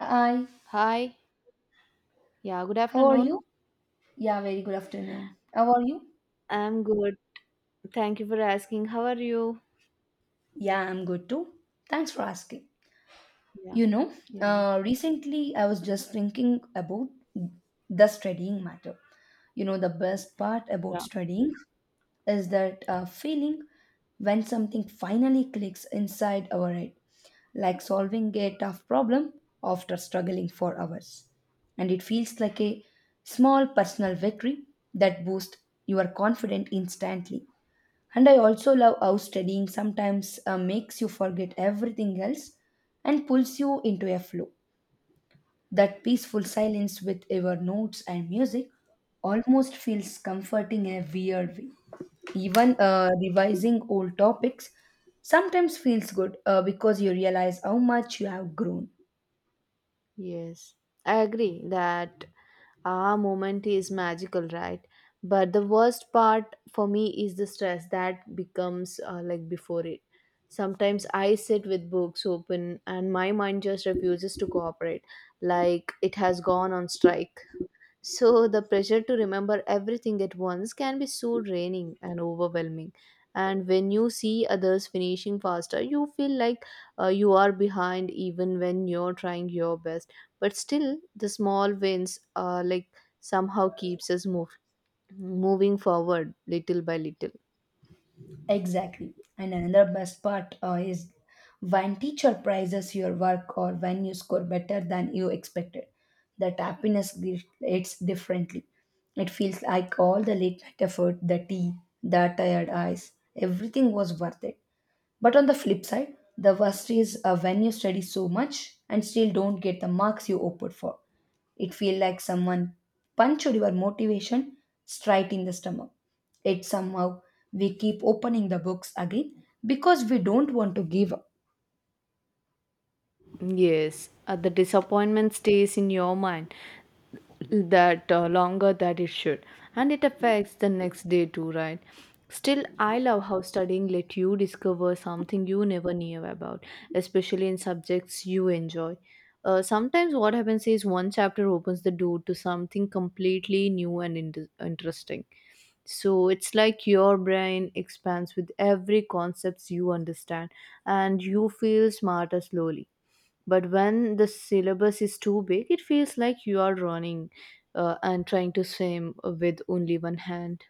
Hi, Hi. Yeah, good how are afternoon. you? Yeah, very good afternoon. How are you? I'm good. Thank you for asking. How are you? Yeah, I'm good too. Thanks for asking. Yeah, You know, yeah, Recently I was just thinking about the studying matter. The best part about yeah. studying is that feeling when something finally clicks inside our head, like solving a tough problem after struggling for hours. And it feels like a small personal victory that boosts your confidence instantly. And I also love how studying sometimes makes you forget everything else and pulls you into a flow. That peaceful silence with your notes and music almost feels comforting in a weird way. Even revising old topics sometimes feels good because you realize how much you have grown. Yes. I agree that our moment is magical, right? But the worst part for me is the stress that becomes like before it. Sometimes I sit with books open and my mind just refuses to cooperate, like it has gone on strike. So, the pressure to remember everything at once can be so draining and overwhelming. And when you see others finishing faster, you feel like you are behind even when you're trying your best. But still, the small wins like somehow keeps us moving forward little by little. Exactly. And another best part is when teacher prizes your work or when you score better than you expected. That happiness it's differently. It feels like all the late night effort, the tea, the tired eyes, everything was worth it. But on the flip side, the worst is when you study so much and still don't get the marks you hoped for. It feels like someone punched your motivation straight in the stomach. It somehow we keep opening the books again because we don't want to give up. Yes, the disappointment stays in your mind that longer that it should, and it affects the next day too, right? Still, I love how studying let you discover something you never knew about, especially in subjects you enjoy. Sometimes what happens is one chapter opens the door to something completely new and interesting. So it's like your brain expands with every concepts you understand and you feel smarter slowly. But when the syllabus is too big it feels like you are running and trying to swim with only one hand.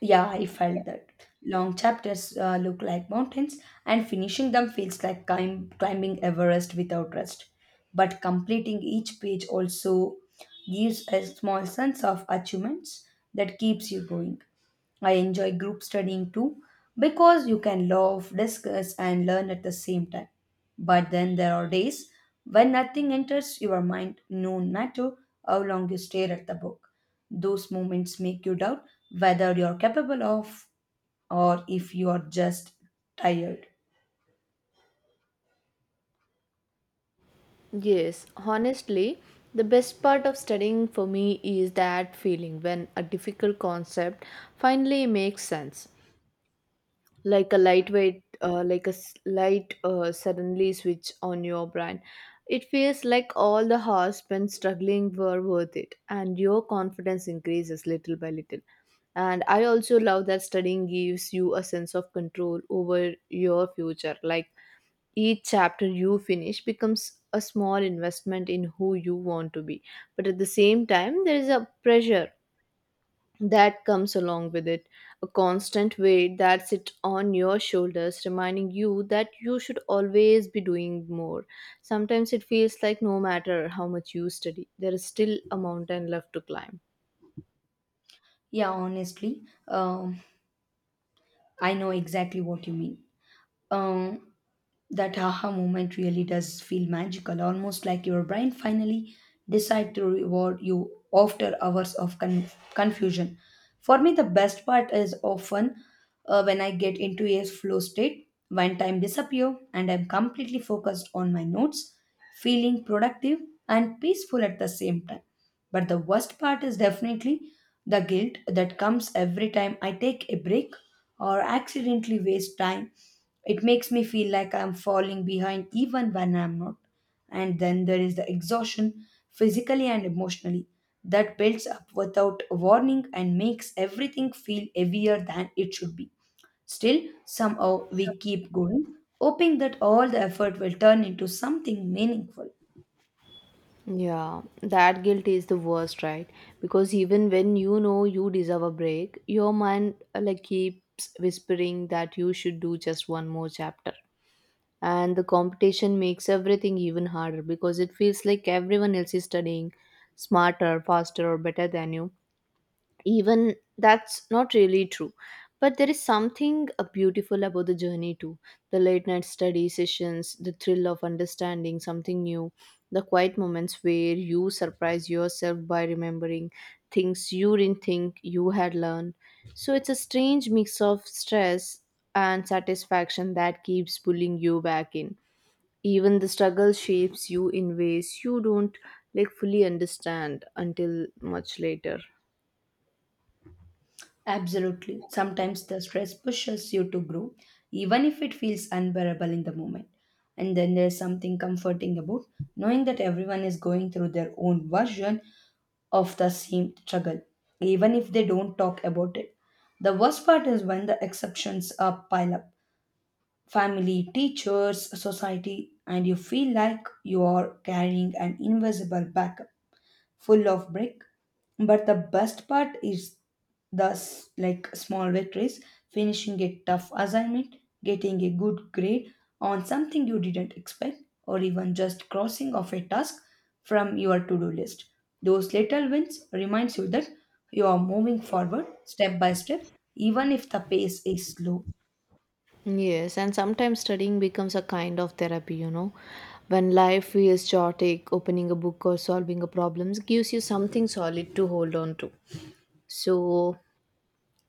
Yeah, I felt that. Long chapters look like mountains, and finishing them feels like climbing Everest without rest. But completing each page also gives a small sense of achievements that keeps you going. I enjoy group studying too because you can laugh, discuss, and learn at the same time. But then there are days when nothing enters your mind, no matter how long you stare at the book. Those moments make you doubt whether you're capable of, or if you are just tired. Yes, honestly, the best part of studying for me is that feeling when a difficult concept finally makes sense, like a lightweight like a light suddenly switch on your brain. It feels like all the hours spent struggling were worth it and your confidence increases little by little. And I also love that studying gives you a sense of control over your future, like each chapter you finish becomes a small investment in who you want to be. But at the same time there is a pressure that comes along with it, a constant weight that sits on your shoulders reminding you that you should always be doing more. Sometimes it feels like no matter how much you study there is still a mountain left to climb. Yeah, honestly, I know exactly what you mean. Um, That aha moment really does feel magical, almost like your brain finally decide to reward you after hours of confusion. For me, the best part is often when I get into a flow state, when time disappear and I'm completely focused on my notes, feeling productive and peaceful at the same time. But the worst part is definitely the guilt that comes every time I take a break or accidentally waste time. It makes me feel like I'm falling behind even when I'm not. And then there is the exhaustion, physically and emotionally, that builds up without warning and makes everything feel heavier than it should be. Still, somehow we keep going, hoping that all the effort will turn into something meaningful. Yeah, that guilt is the worst, right? Because even when you know you deserve a break your mind like keeps whispering that you should do just one more chapter. And the competition makes everything even harder because it feels like everyone else is studying smarter, faster, or better than you, even that's not really true. But there is something beautiful about the journey too. The late night study sessions, the thrill of understanding something new, the quiet moments where you surprise yourself by remembering things you didn't think you had learned. So it's a strange mix of stress and satisfaction that keeps pulling you back in. Even the struggle shapes you in ways you don't like fully understand until much later. Absolutely. Sometimes the stress pushes you to grow, even if it feels unbearable in the moment. And then there's something comforting about knowing that everyone is going through their own version of the same struggle, even if they don't talk about it. The worst part is when the exceptions are pile up: family, teachers, society, and you feel like you are carrying an invisible backup full of brick. But the best part is the like small victories, finishing a tough assignment, getting a good grade on something you didn't expect, or even just crossing off a task from your to-do list. Those little wins reminds you that you are moving forward step by step, even if the pace is slow. Yes, and sometimes studying becomes a kind of therapy. When life feels chaotic, opening a book or solving a problem gives you something solid to hold on to. So,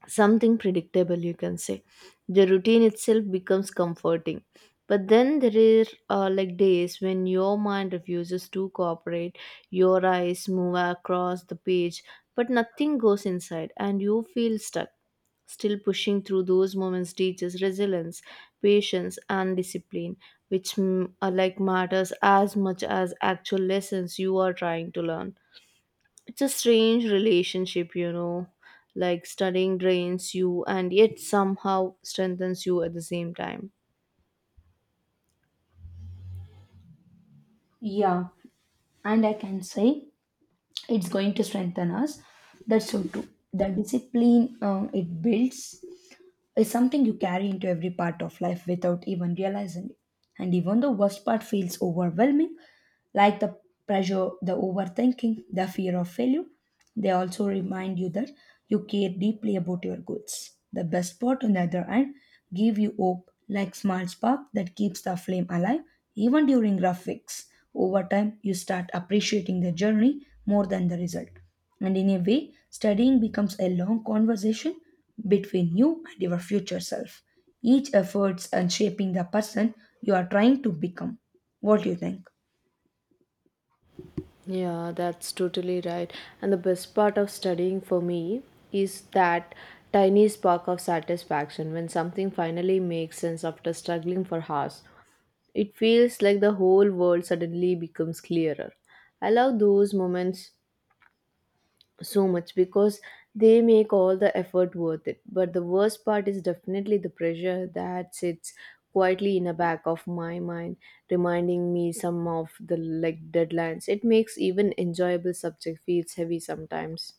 something predictable you can say the routine itself becomes comforting. But then there are like days when your mind refuses to cooperate. Your eyes move across the page but nothing goes inside and you feel stuck. Still, pushing through those moments teaches resilience, patience, and discipline, which are like matters as much as actual lessons you are trying to learn. It's a strange relationship, like studying drains you and yet somehow strengthens you at the same time. Yeah, and I can say it's going to strengthen us. That's so true. The discipline it builds is something you carry into every part of life without even realizing it. And even the worst part feels overwhelming, like the pressure, the overthinking, the fear of failure. They also remind you that you care deeply about your goals. The best part, on the other hand, give you hope, like small spark that keeps the flame alive even during rough weeks. Over time, you start appreciating the journey more than the result. And in a way, studying becomes a long conversation between you and your future self. Each efforts and shaping the person you are trying to become. What do you think? Yeah, that's totally right. And the best part of studying for me is that tiny spark of satisfaction when something finally makes sense after struggling for hours. It feels like the whole world suddenly becomes clearer. I love those moments so much because they make all the effort worth it. But the worst part is definitely the pressure that sits quietly in the back of my mind, reminding me some of the like deadlines. It makes even enjoyable subject feels heavy sometimes.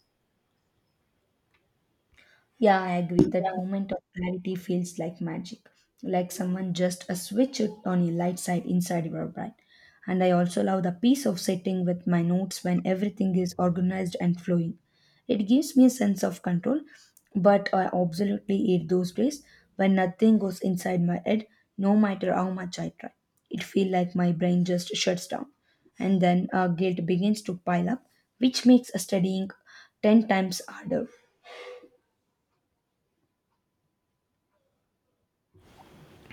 Yeah, I agree. That moment of clarity feels like magic, like someone just a switch it on a light side inside your brain. And I also love the peace of sitting with my notes when everything is organized and flowing. It gives me a sense of control, but I absolutely hate those days when nothing goes inside my head, no matter how much I try. It feels like my brain just shuts down, and then guilt begins to pile up, which makes studying ten times harder.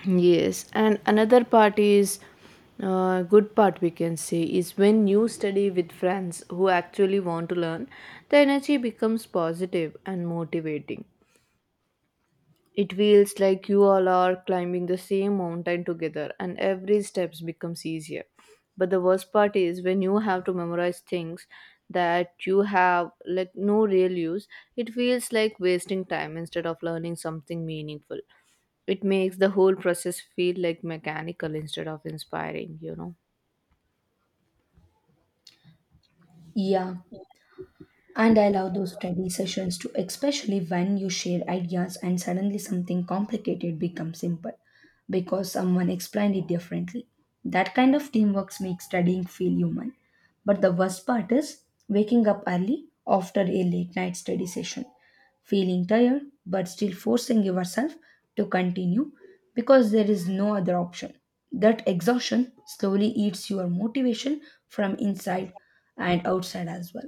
Yes, and another part is good part we can say is when you study with friends who actually want to learn, the energy becomes positive and motivating. It feels like you all are climbing the same mountain together and every step becomes easier. But the worst part is when you have to memorize things that you have like no real use, it feels like wasting time instead of learning something meaningful. It makes the whole process feel like mechanical instead of inspiring. Yeah, and I love those study sessions too, especially when you share ideas and suddenly something complicated becomes simple because someone explained it differently. That kind of teamwork makes studying feel human. But the worst part is waking up early after a late night study session, feeling tired but still forcing yourself to continue because there is no other option. That exhaustion slowly eats your motivation from inside and outside as well.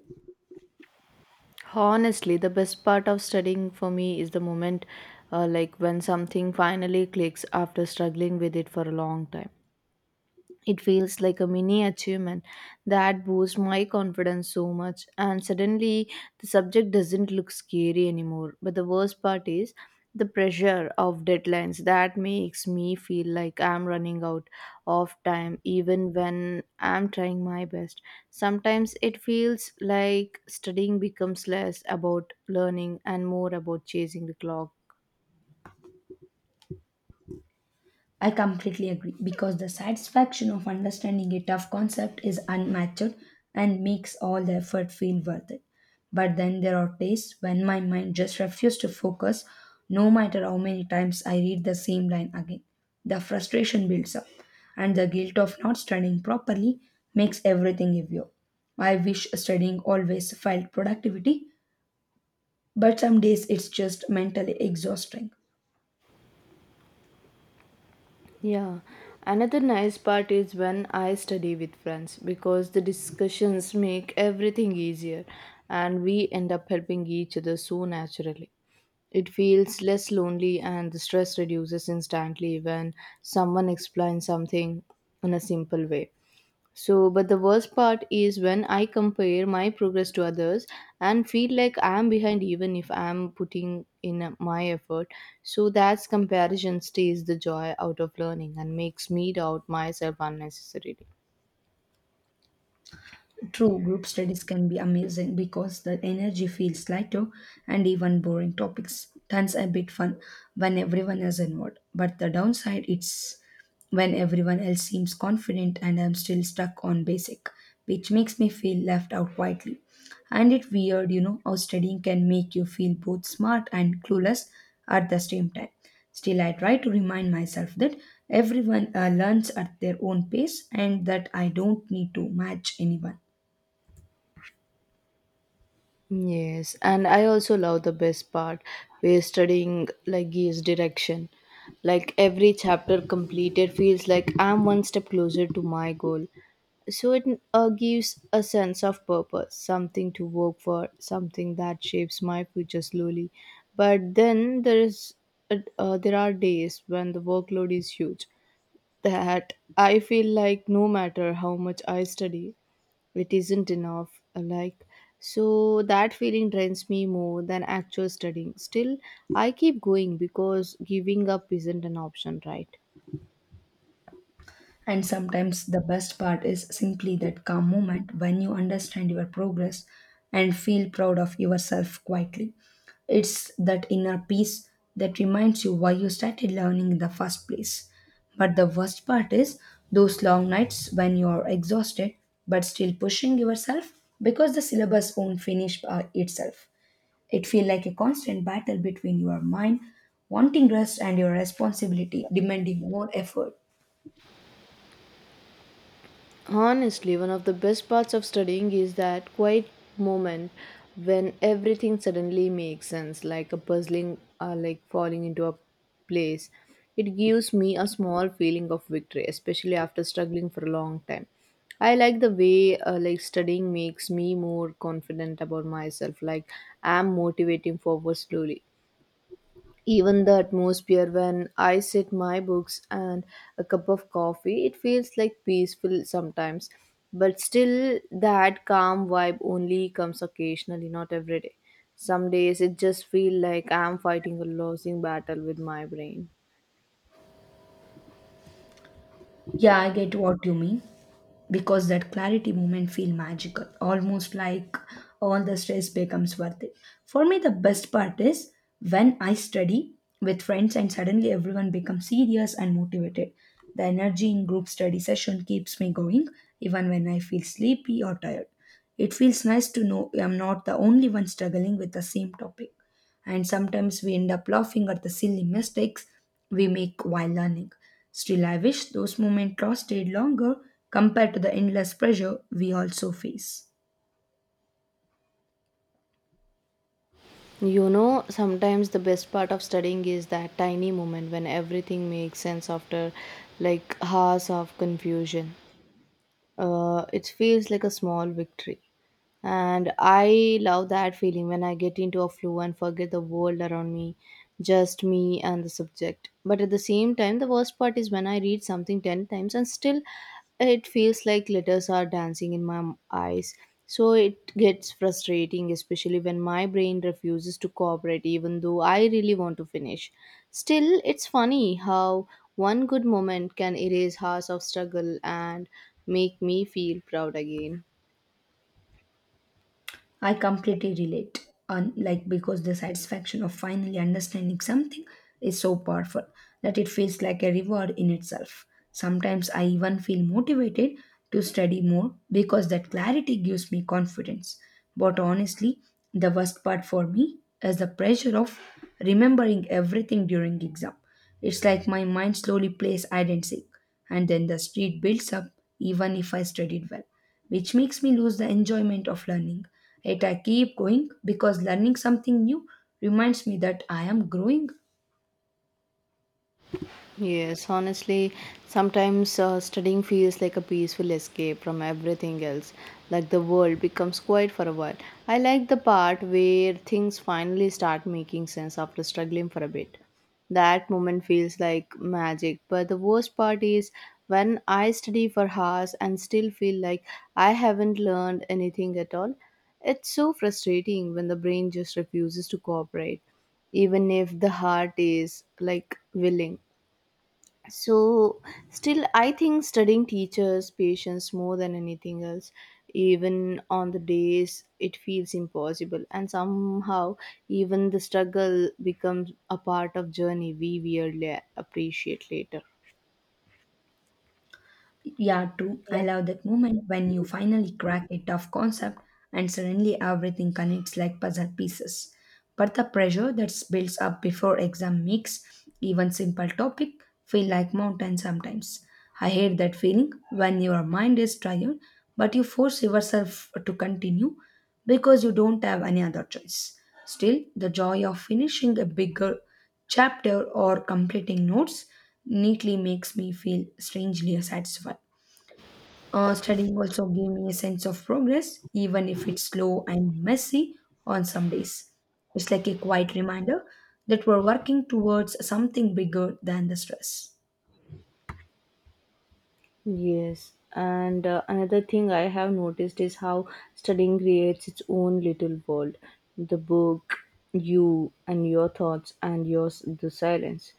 Honestly, the best part of studying for me is the moment like when something finally clicks after struggling with it for a long time. It feels like a mini achievement that boosts my confidence so much, and suddenly the subject doesn't look scary anymore. But the worst part is the pressure of deadlines that makes me feel like I'm running out of time, even when I'm trying my best. Sometimes it feels like studying becomes less about learning and more about chasing the clock. I completely agree because the satisfaction of understanding a tough concept is unmatched and makes all the effort feel worth it. But then there are days when my mind just refuses to focus no matter how many times I read the same line again. The frustration builds up and the guilt of not studying properly makes everything a view. I wish studying always felt productivity, but some days it's just mentally exhausting. Yeah, another nice part is when I study with friends because the discussions make everything easier and we end up helping each other so naturally. It feels less lonely and the stress reduces instantly when someone explains something in a simple way. So, but the worst part is when I compare my progress to others and feel like I am behind even if I am putting in my effort. So, that comparison stays the joy out of learning and makes me doubt myself unnecessarily. True, group studies can be amazing because the energy feels lighter and even boring topics. Tons a bit fun when everyone is involved. But the downside it's when everyone else seems confident and I'm still stuck on basic, which makes me feel left out quietly. And it's weird, you know, how studying can make you feel both smart and clueless at the same time. Still, I try to remind myself that everyone learns at their own pace and that I don't need to match anyone. Yes, and I also love the best part where studying like gives direction. Like every chapter completed feels like I'm one step closer to my goal, so it gives a sense of purpose, something to work for, something that shapes my future slowly. But then there is there are days when the workload is huge that I feel like no matter how much I study, it isn't enough. Like so that feeling drains me more than actual studying. Still, I keep going because giving up isn't an option, right? And sometimes the best part is simply that calm moment when you understand your progress and feel proud of yourself quietly. It's that inner peace that reminds you why you started learning in the first place. But the worst part is those long nights when you are exhausted but still pushing yourself because the syllabus won't finish by itself. It feels like a constant battle between your mind wanting rest and your responsibility demanding more effort. Honestly, one of the best parts of studying is that quiet moment when everything suddenly makes sense, like a puzzling or like falling into a place. It gives me a small feeling of victory, especially after struggling for a long time. I like the way like studying makes me more confident about myself, like I'm motivating forward slowly. Even the atmosphere when I sit my books and a cup of coffee, it feels like peaceful sometimes. But still, that calm vibe only comes occasionally, not every day. Some days it just feel like I'm fighting a losing battle with my brain. Yeah, I get what you mean. Because that clarity moment feel magical, almost like all the stress becomes worth it. For me, the best part is when I study with friends and suddenly everyone becomes serious and motivated. The energy in group study session keeps me going even when I feel sleepy or tired. It feels nice to know I'm not the only one struggling with the same topic, and sometimes we end up laughing at the silly mistakes we make while learning. Still, I wish those moments lasted longer compared to the endless pressure we also face. Sometimes the best part of studying is that tiny moment when everything makes sense after like hours of confusion. It feels like a small victory. And I love that feeling when I get into a flow and forget the world around me, just me and the subject. But at the same time, the worst part is when I read something 10 times and still it feels like letters are dancing in my eyes. So it gets frustrating, especially when my brain refuses to cooperate, even though I really want to finish. Still, it's funny how one good moment can erase hours of struggle and make me feel proud again. I completely relate on, like, because the satisfaction of finally understanding something is so powerful that it feels like a reward in itself. Sometimes I even feel motivated to study more because that clarity gives me confidence. But honestly, the worst part for me is the pressure of remembering everything during exam. It's like my mind slowly plays hide and seek, and then the street builds up even if I studied well, which makes me lose the enjoyment of learning. Yet I keep going because learning something new reminds me that I am growing. Yes, honestly, sometimes studying feels like a peaceful escape from everything else. Like the world becomes quiet for a while. I like the part where things finally start making sense after struggling for a bit. That moment feels like magic. But the worst part is when I study for hours and still feel like I haven't learned anything at all. It's so frustrating when the brain just refuses to cooperate, even if the heart is like willing. So still I think studying teachers patience more than anything else, even on the days it feels impossible, and somehow even the struggle becomes a part of journey we weirdly appreciate later. Yeah, true. I love that moment when you finally crack a tough concept and suddenly everything connects like puzzle pieces. But the pressure that builds up before exam makes even simple topic feel like mountain sometimes. I hate that feeling when your mind is tired but you force yourself to continue because you don't have any other choice. Still, the joy of finishing a bigger chapter or completing notes neatly makes me feel strangely satisfied. Studying also gave me a sense of progress, even if it's slow and messy on some days. It's like a quiet reminder that we're working towards something bigger than the stress. Yes, and another thing I have noticed is how studying creates its own little world. The book, you, and your thoughts, and yours, the silence.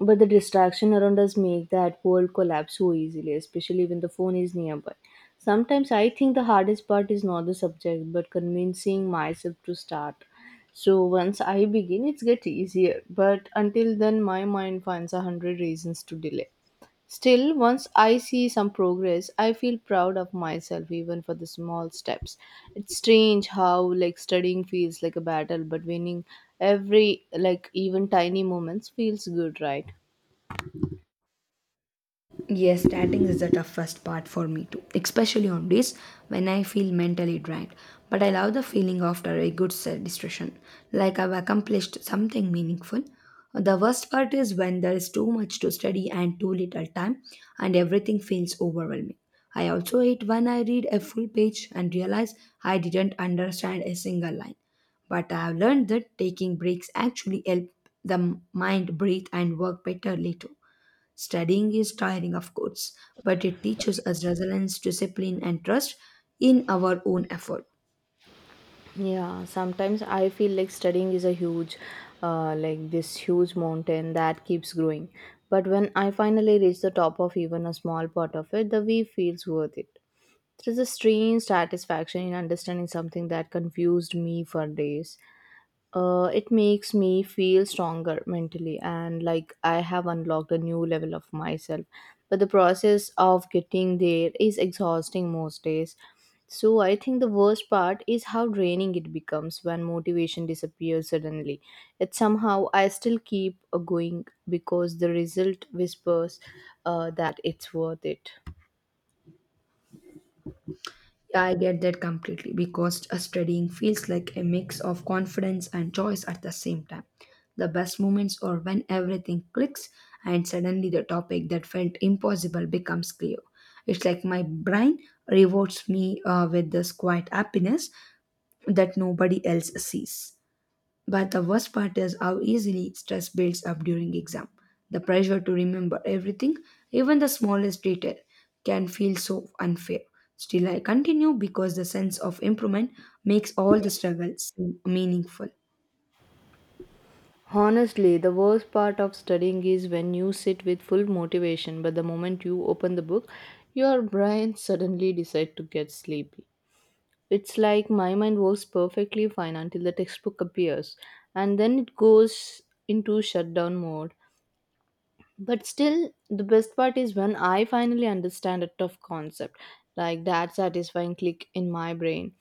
But the distraction around us make that world collapse so easily, especially when the phone is nearby. Sometimes I think the hardest part is not the subject, but convincing myself to start. So once I begin, it's get easier. But until then, my mind finds 100 reasons to delay. Still, once I see some progress, I feel proud of myself even for the small steps. It's strange how like studying feels like a battle, but winning every like even tiny moments feels good, right? Yes, starting is the toughest part for me too, especially on days when I feel mentally drained. But I love the feeling after a good distraction, like I've accomplished something meaningful. The worst part is when there is too much to study and too little time, and everything feels overwhelming. I also hate when I read a full page and realize I didn't understand a single line. But I have learned that taking breaks actually help the mind breathe and work better later. Studying is tiring, of course, but it teaches us resilience, discipline, and trust in our own effort. Yeah, sometimes I feel like studying is a huge, like this huge mountain that keeps growing. But when I finally reach the top of even a small part of it, the way feels worth it. There is a strange satisfaction in understanding something that confused me for days. It makes me feel stronger mentally and like I have unlocked a new level of myself. But the process of getting there is exhausting most days. So I think the worst part is how draining it becomes when motivation disappears suddenly. Yet somehow I still keep going because the result whispers that it's worth it. Yeah, I get that completely because studying feels like a mix of confidence and choice at the same time. The best moments are when everything clicks and suddenly the topic that felt impossible becomes clear. It's like my brain rewards me with this quiet happiness that nobody else sees. But the worst part is how easily stress builds up during exam. The pressure to remember everything, even the smallest detail, can feel so unfair. Still, I continue because the sense of improvement makes all the struggle seem meaningful. Honestly, the worst part of studying is when you sit with full motivation, but the moment you open the book, your brain suddenly decides to get sleepy. It's like my mind works perfectly fine until the textbook appears, and then it goes into shutdown mode. But still, the best part is when I finally understand a tough concept, like that satisfying click in my brain.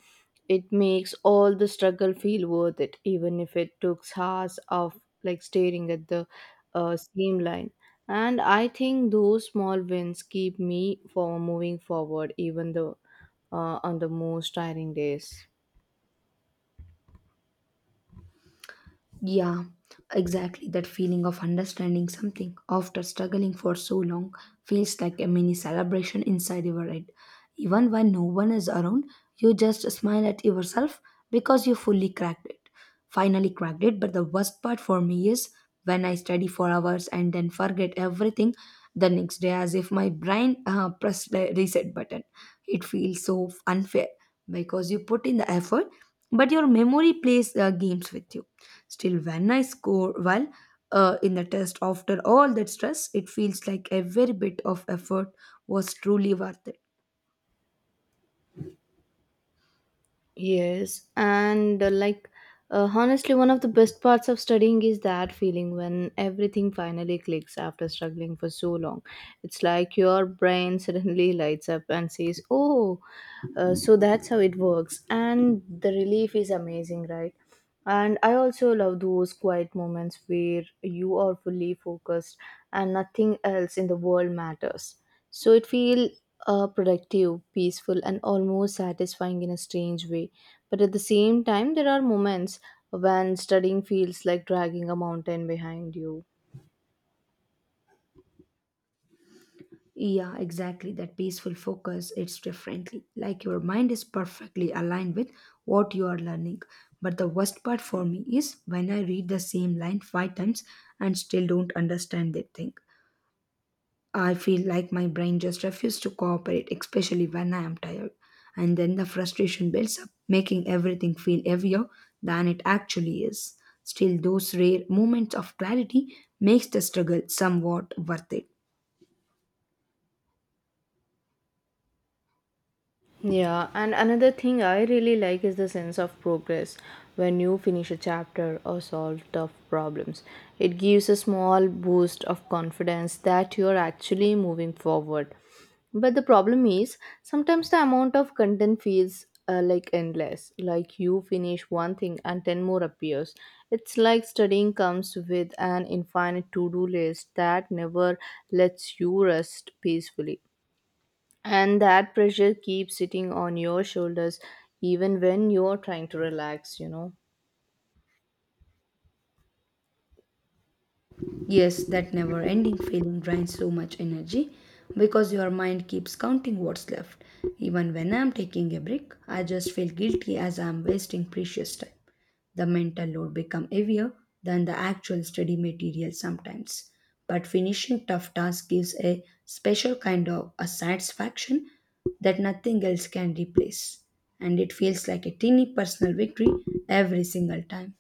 It makes all the struggle feel worth it, even if it took hours of like staring at the same line. And I think those small wins keep me for moving forward, even though on the most tiring days. Yeah, exactly. That feeling of understanding something after struggling for so long feels like a mini celebration inside your head. Even when no one is around, you just smile at yourself because you fully cracked it. Finally cracked it, but the worst part for me is when I study for hours and then forget everything the next day as if my brain pressed the reset button. It feels so unfair because you put in the effort, but your memory plays games with you. Still, when I score well in the test after all that stress, it feels like every bit of effort was truly worth it. Yes, and honestly, one of the best parts of studying is that feeling when everything finally clicks after struggling for so long. It's like your brain suddenly lights up and says, "Oh, so that's how it works." And the relief is amazing, right? And I also love those quiet moments where you are fully focused and nothing else in the world matters. So it feels productive, peaceful, and almost satisfying in a strange way. But at the same time, there are moments when studying feels like dragging a mountain behind you. Yeah, exactly. That peaceful focus, it's differently. Like your mind is perfectly aligned with what you are learning. But the worst part for me is when I read the same line 5 times and still don't understand that thing. I feel like my brain just refuses to cooperate, especially when I am tired. And then the frustration builds up, making everything feel heavier than it actually is. Still, those rare moments of clarity makes the struggle somewhat worth it. Yeah, and another thing I really like is the sense of progress when you finish a chapter or solve tough problems. It gives a small boost of confidence that you're actually moving forward. But the problem is sometimes the amount of content feels like endless. Like you finish one thing and 10 more appears. It's like studying comes with an infinite to do list that never lets you rest peacefully. And that pressure keeps sitting on your shoulders even when you're trying to relax, you know. Yes, that never ending feeling drains so much energy because your mind keeps counting what's left. Even when I'm taking a break, I just feel guilty as I'm wasting precious time. The mental load become heavier than the actual study material sometimes. But finishing tough tasks gives a special kind of a satisfaction that nothing else can replace. And it feels like a tiny personal victory every single time.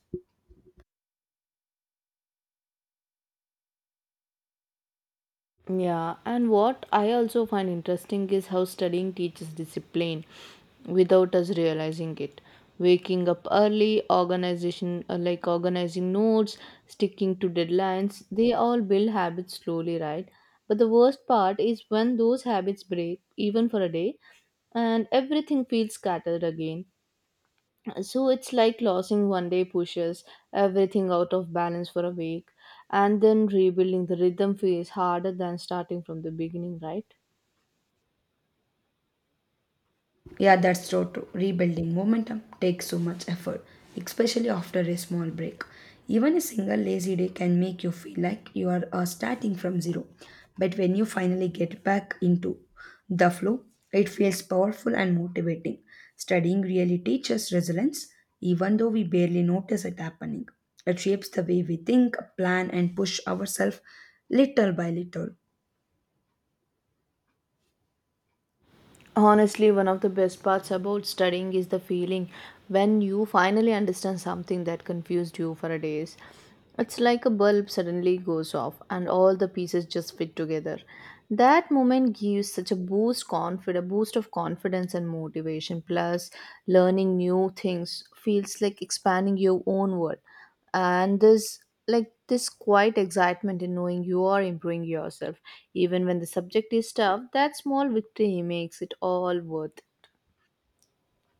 Yeah, and what I also find interesting is how studying teaches discipline without us realizing it. Waking up early, organization like organizing notes, sticking to deadlines, they all build habits slowly, right? But the worst part is when those habits break, even for a day, and everything feels scattered again. So it's like losing one day pushes everything out of balance for a week, and then rebuilding the rhythm feels harder than starting from the beginning, right? Yeah, that's so true. Rebuilding momentum takes so much effort, especially after a small break. Even a single lazy day can make you feel like you are starting from zero. But when you finally get back into the flow, it feels powerful and motivating. Studying really teaches resilience, even though we barely notice it happening. It shapes the way we think, plan, and push ourselves little by little. Honestly, one of the best parts about studying is the feeling when you finally understand something that confused you for days. It's like a bulb suddenly goes off and all the pieces just fit together. That moment gives such a boost confid a boost of confidence and motivation. Plus, learning new things feels like expanding your own world and there's like this quiet excitement in knowing you are improving yourself even when the subject is tough, that small victory makes it all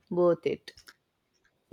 worth it.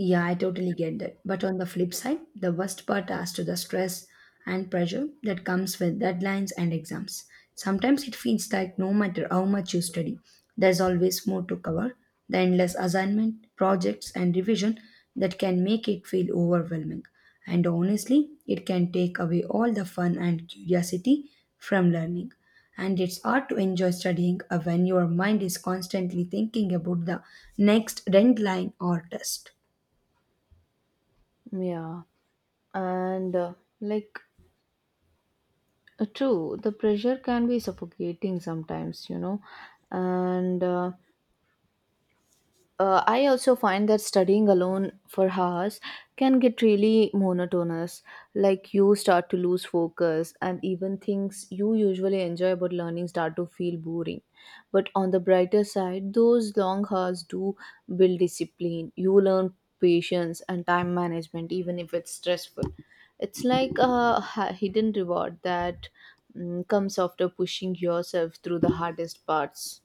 Yeah, I totally get that. But on the flip side, the worst part as to the stress and pressure that comes with deadlines and exams. Sometimes it feels like no matter how much you study, there's always more to cover. The endless assignment, projects, and revision that can make it feel overwhelming. And honestly, it can take away all the fun and curiosity from learning. And it's hard to enjoy studying when your mind is constantly thinking about the next deadline or test. Yeah, and like true, the pressure can be suffocating sometimes, you know, and I also find that studying alone for hours can get really monotonous. Like you start to lose focus, and even things you usually enjoy about learning start to feel boring. But on the brighter side, those long hours do build discipline. You learn patience and time management, even if it's stressful. It's like a hidden reward that comes after pushing yourself through the hardest parts.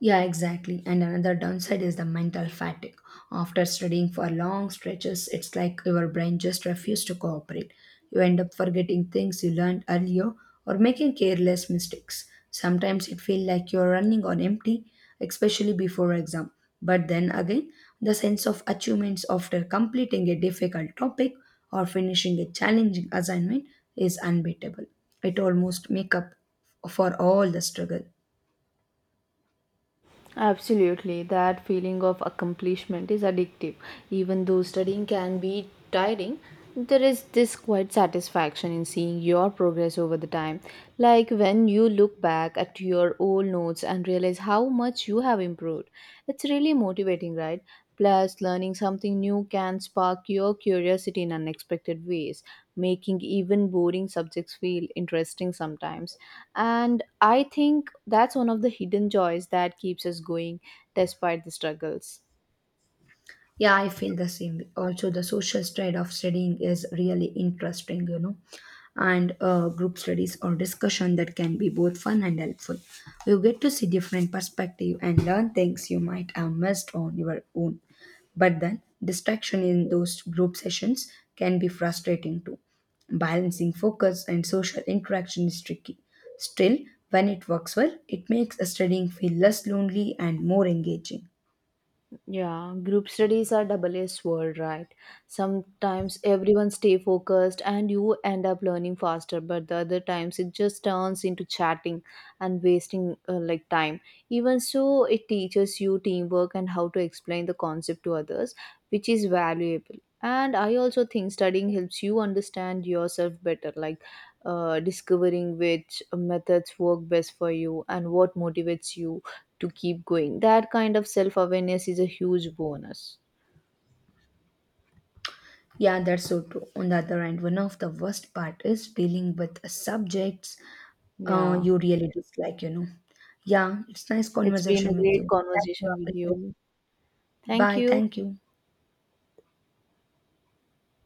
Yeah, exactly. And another downside is the mental fatigue. After studying for long stretches, it's like your brain just refuses to cooperate. You end up forgetting things you learned earlier or making careless mistakes. Sometimes it feels like you're running on empty, especially before exam. But then again, the sense of achievements after completing a difficult topic or finishing a challenging assignment is unbeatable. It almost make up for all the struggle. Absolutely, that feeling of accomplishment is addictive. Even though studying can be tiring, there is this quite satisfaction in seeing your progress over the time. Like when you look back at your old notes and realize how much you have improved. It's really motivating, right? Plus, learning something new can spark your curiosity in unexpected ways, making even boring subjects feel interesting sometimes. And I think that's one of the hidden joys that keeps us going despite the struggles. Yeah, I feel the same. Way. Also, the social side of studying is really interesting, you know, and group studies or discussion that can be both fun and helpful. You get to see different perspective and learn things you might have missed on your own. But then, distraction in those group sessions can be frustrating too. Balancing focus and social interaction is tricky. Still, when it works well, it makes studying feel less lonely and more engaging. Yeah, group studies are double edged sword, right? Sometimes everyone stay focused and you end up learning faster, but the other times it just turns into chatting and wasting like time. Even so, it teaches you teamwork and how to explain the concept to others, which is valuable. And I also think studying helps you understand yourself better, like discovering which methods work best for you and what motivates you to keep going. That kind of self awareness is a huge bonus. Yeah, that's so true. On the other hand, one of the worst part is dealing with subjects Yeah. you really dislike, you know. Yeah, it's nice It's been a conversation with you. great Catch you conversation up with later. you. Thank Bye. you. Thank you.